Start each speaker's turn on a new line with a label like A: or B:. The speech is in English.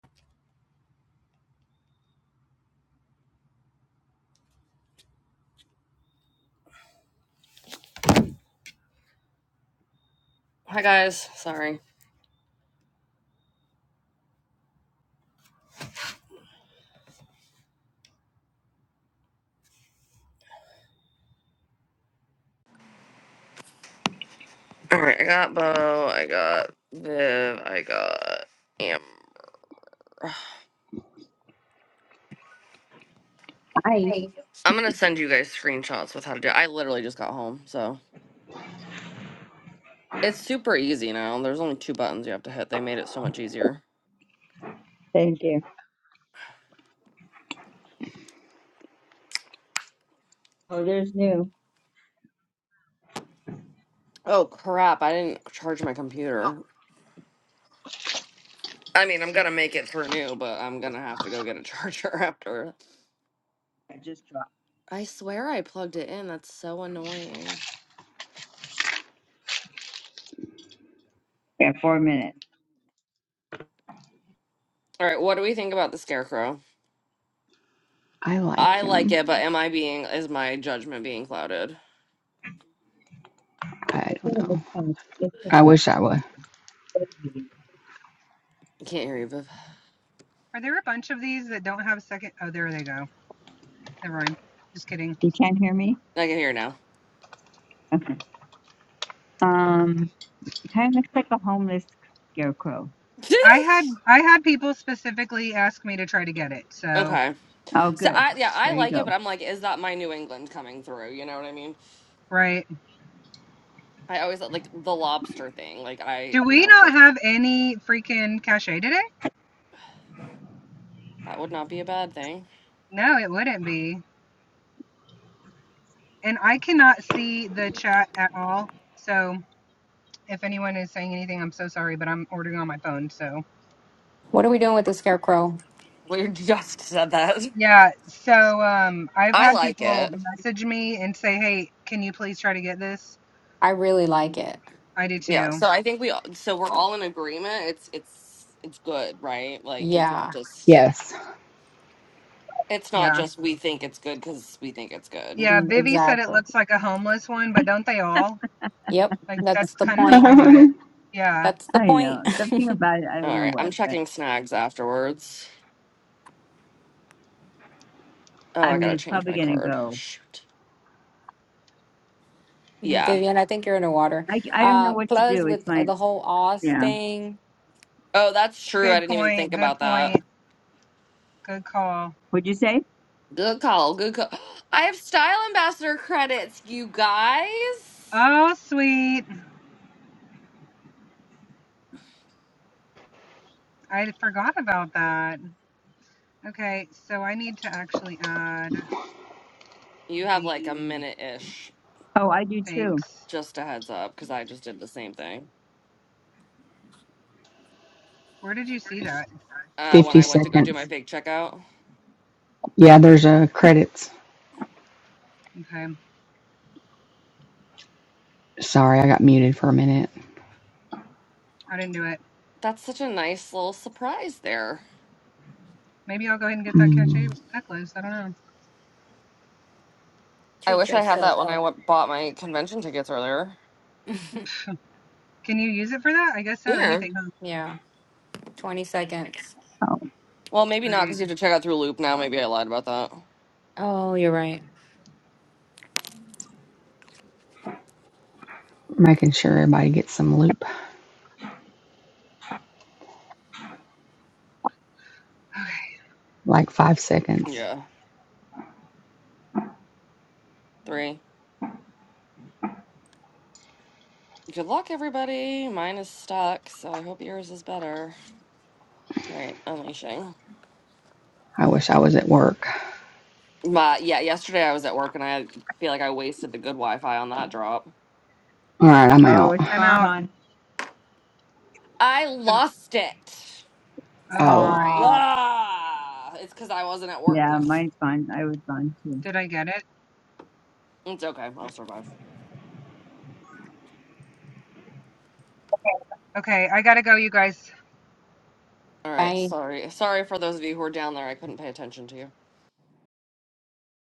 A: Hi guys, sorry. All right, I got Bo, I got Viv, I got Amber.
B: Hi.
A: I'm gonna send you guys screenshots with how to do. It. I literally just got home, so it's super easy now. There's only two buttons you have to hit. They made it so much easier.
B: Thank you. Oh, there's new.
A: Oh crap! I didn't charge my computer. I mean, I'm gonna make it through new, but I'm gonna have to go get a charger after.
B: I just dropped.
A: I swear I plugged it in. That's so annoying.
B: Yeah, four minutes.
A: All right, what do we think about the scarecrow?
C: I like
A: I like
C: him.
A: it, but am I being is my judgment being clouded?
B: I
C: I
B: think
C: don't
B: it was
C: know.
B: kind of
C: I
B: significant.
C: wish I would.
B: um,
A: I can't hear you, Viv.
D: Are there a bunch of these that don't have second? Oh, there they go. Never mind. Just kidding.
B: You can't hear me?
A: I can hear now.
B: Okay. Um, it kind of looks like a homeless scarecrow.
D: I had I had people specifically ask me to try to get it. So
A: okay.
B: Oh,
A: So
B: good.
A: I yeah, I
B: There you
A: like it,
B: go.
A: but I'm like, is that my New England coming through? You know what I mean?
D: right.
A: I always thought, like the lobster thing. Like I,
D: Do
A: you
D: we
A: know,
D: not have any freaking cachet today?
A: that would not be a bad thing.
D: No, it wouldn't be. And I cannot see the chat at all. So if anyone is saying anything, I'm so sorry, but I'm ordering on my phone. So
E: What are we doing with the scarecrow?
A: We just said that.
D: yeah. So um, I've
A: I
D: had
A: like
D: people
A: it.
D: message me and say, "Hey, can you please try to get this?"
E: I really like it.
D: I do
A: Yeah.
D: too.
A: So I think we all so we're all in agreement. It's it's it's good, right? Like it's not
E: Yeah,
A: just
C: Yes.
A: it's not
D: Yeah,
A: just we think it's good because we think it's good.
D: Yeah,
E: mm,
D: Vivi said it
E: exactly.
D: looks like a homeless one, but don't they all?
E: Yep,
D: Like
E: that's
D: that's
E: the
D: kind of the
E: point.
D: point of it. Yeah.
E: That's the
B: I know.
E: point.
B: Something about it. I don't
A: All
B: know
A: right.
B: what,
A: I'm
B: but
A: checking snags afterwards. Oh,
B: I
A: I
B: mean,
A: gotta
B: it's
A: change
B: probably
A: my
B: going to
A: card.
B: go.
A: Shoot. Yeah.
E: Vivian, I think you're underwater.
B: I, I don't know
E: Uh,
B: what to
E: plus,
B: do. It's
E: with
B: my,
E: the whole Oz
B: yeah.
E: thing,
A: Oh, that's true. I
D: Good
A: didn't even think
D: point. Good
A: about that.
D: point. Good call.
B: Would you say?
A: Good call. Good call. I have style ambassador credits, you guys.
D: Oh, sweet. I forgot about that. Okay, so I need to actually add
A: You have like a
D: the
A: minute ish.
B: Oh, I do too.
D: thanks.
A: Just a heads up, because I just did the same thing
D: Where did you see that?
A: uh, when
C: 50
A: I went to go do my
C: seconds.
A: big checkout.
C: Yeah, there's a credits.
D: Okay,
C: Sorry, I got muted for a minute.
D: I didn't do it.
A: That's such a nice little surprise there.
D: Maybe I'll go ahead and get that cachet
C: Mm,
D: necklace. I don't know.
A: I
E: treat
A: wish I had that
E: yourself.
A: when I went, bought my convention tickets earlier.
D: Can you use it for that? I guess so.
A: Yeah.
D: Anything. Huh?
E: yeah, 20 seconds.
B: Oh,
A: Well, maybe
D: All
A: not,
D: right.
A: because you have to check out through Loop now. Maybe I lied about that.
E: Oh, you're right.
C: making sure everybody gets some loop.
D: Okay,
C: Like five seconds.
A: Yeah. Three. Good luck, everybody. Mine is stuck, so I hope yours is better. All right, unleashing.
C: I wish I was at work.
A: But yeah, yesterday I was at work and I feel like I wasted the good Wi-Fi on that drop.
C: All right, I'm
B: oh,
C: out.
B: it's
D: I'm
B: gone.
D: out.
B: Gone.
A: I lost it.
D: Oh
C: Oh.
D: my.
E: Stop.
A: Ah, it's because I wasn't at work.
B: Yeah,
A: No,
B: mine's gone. I was gone too.
D: Did I get it?
A: it's okay. I'll survive.
D: Okay, I gotta go, you guys.
A: All right,
E: Bye.
A: sorry. Sorry for those of you who are down there. I couldn't pay attention to you.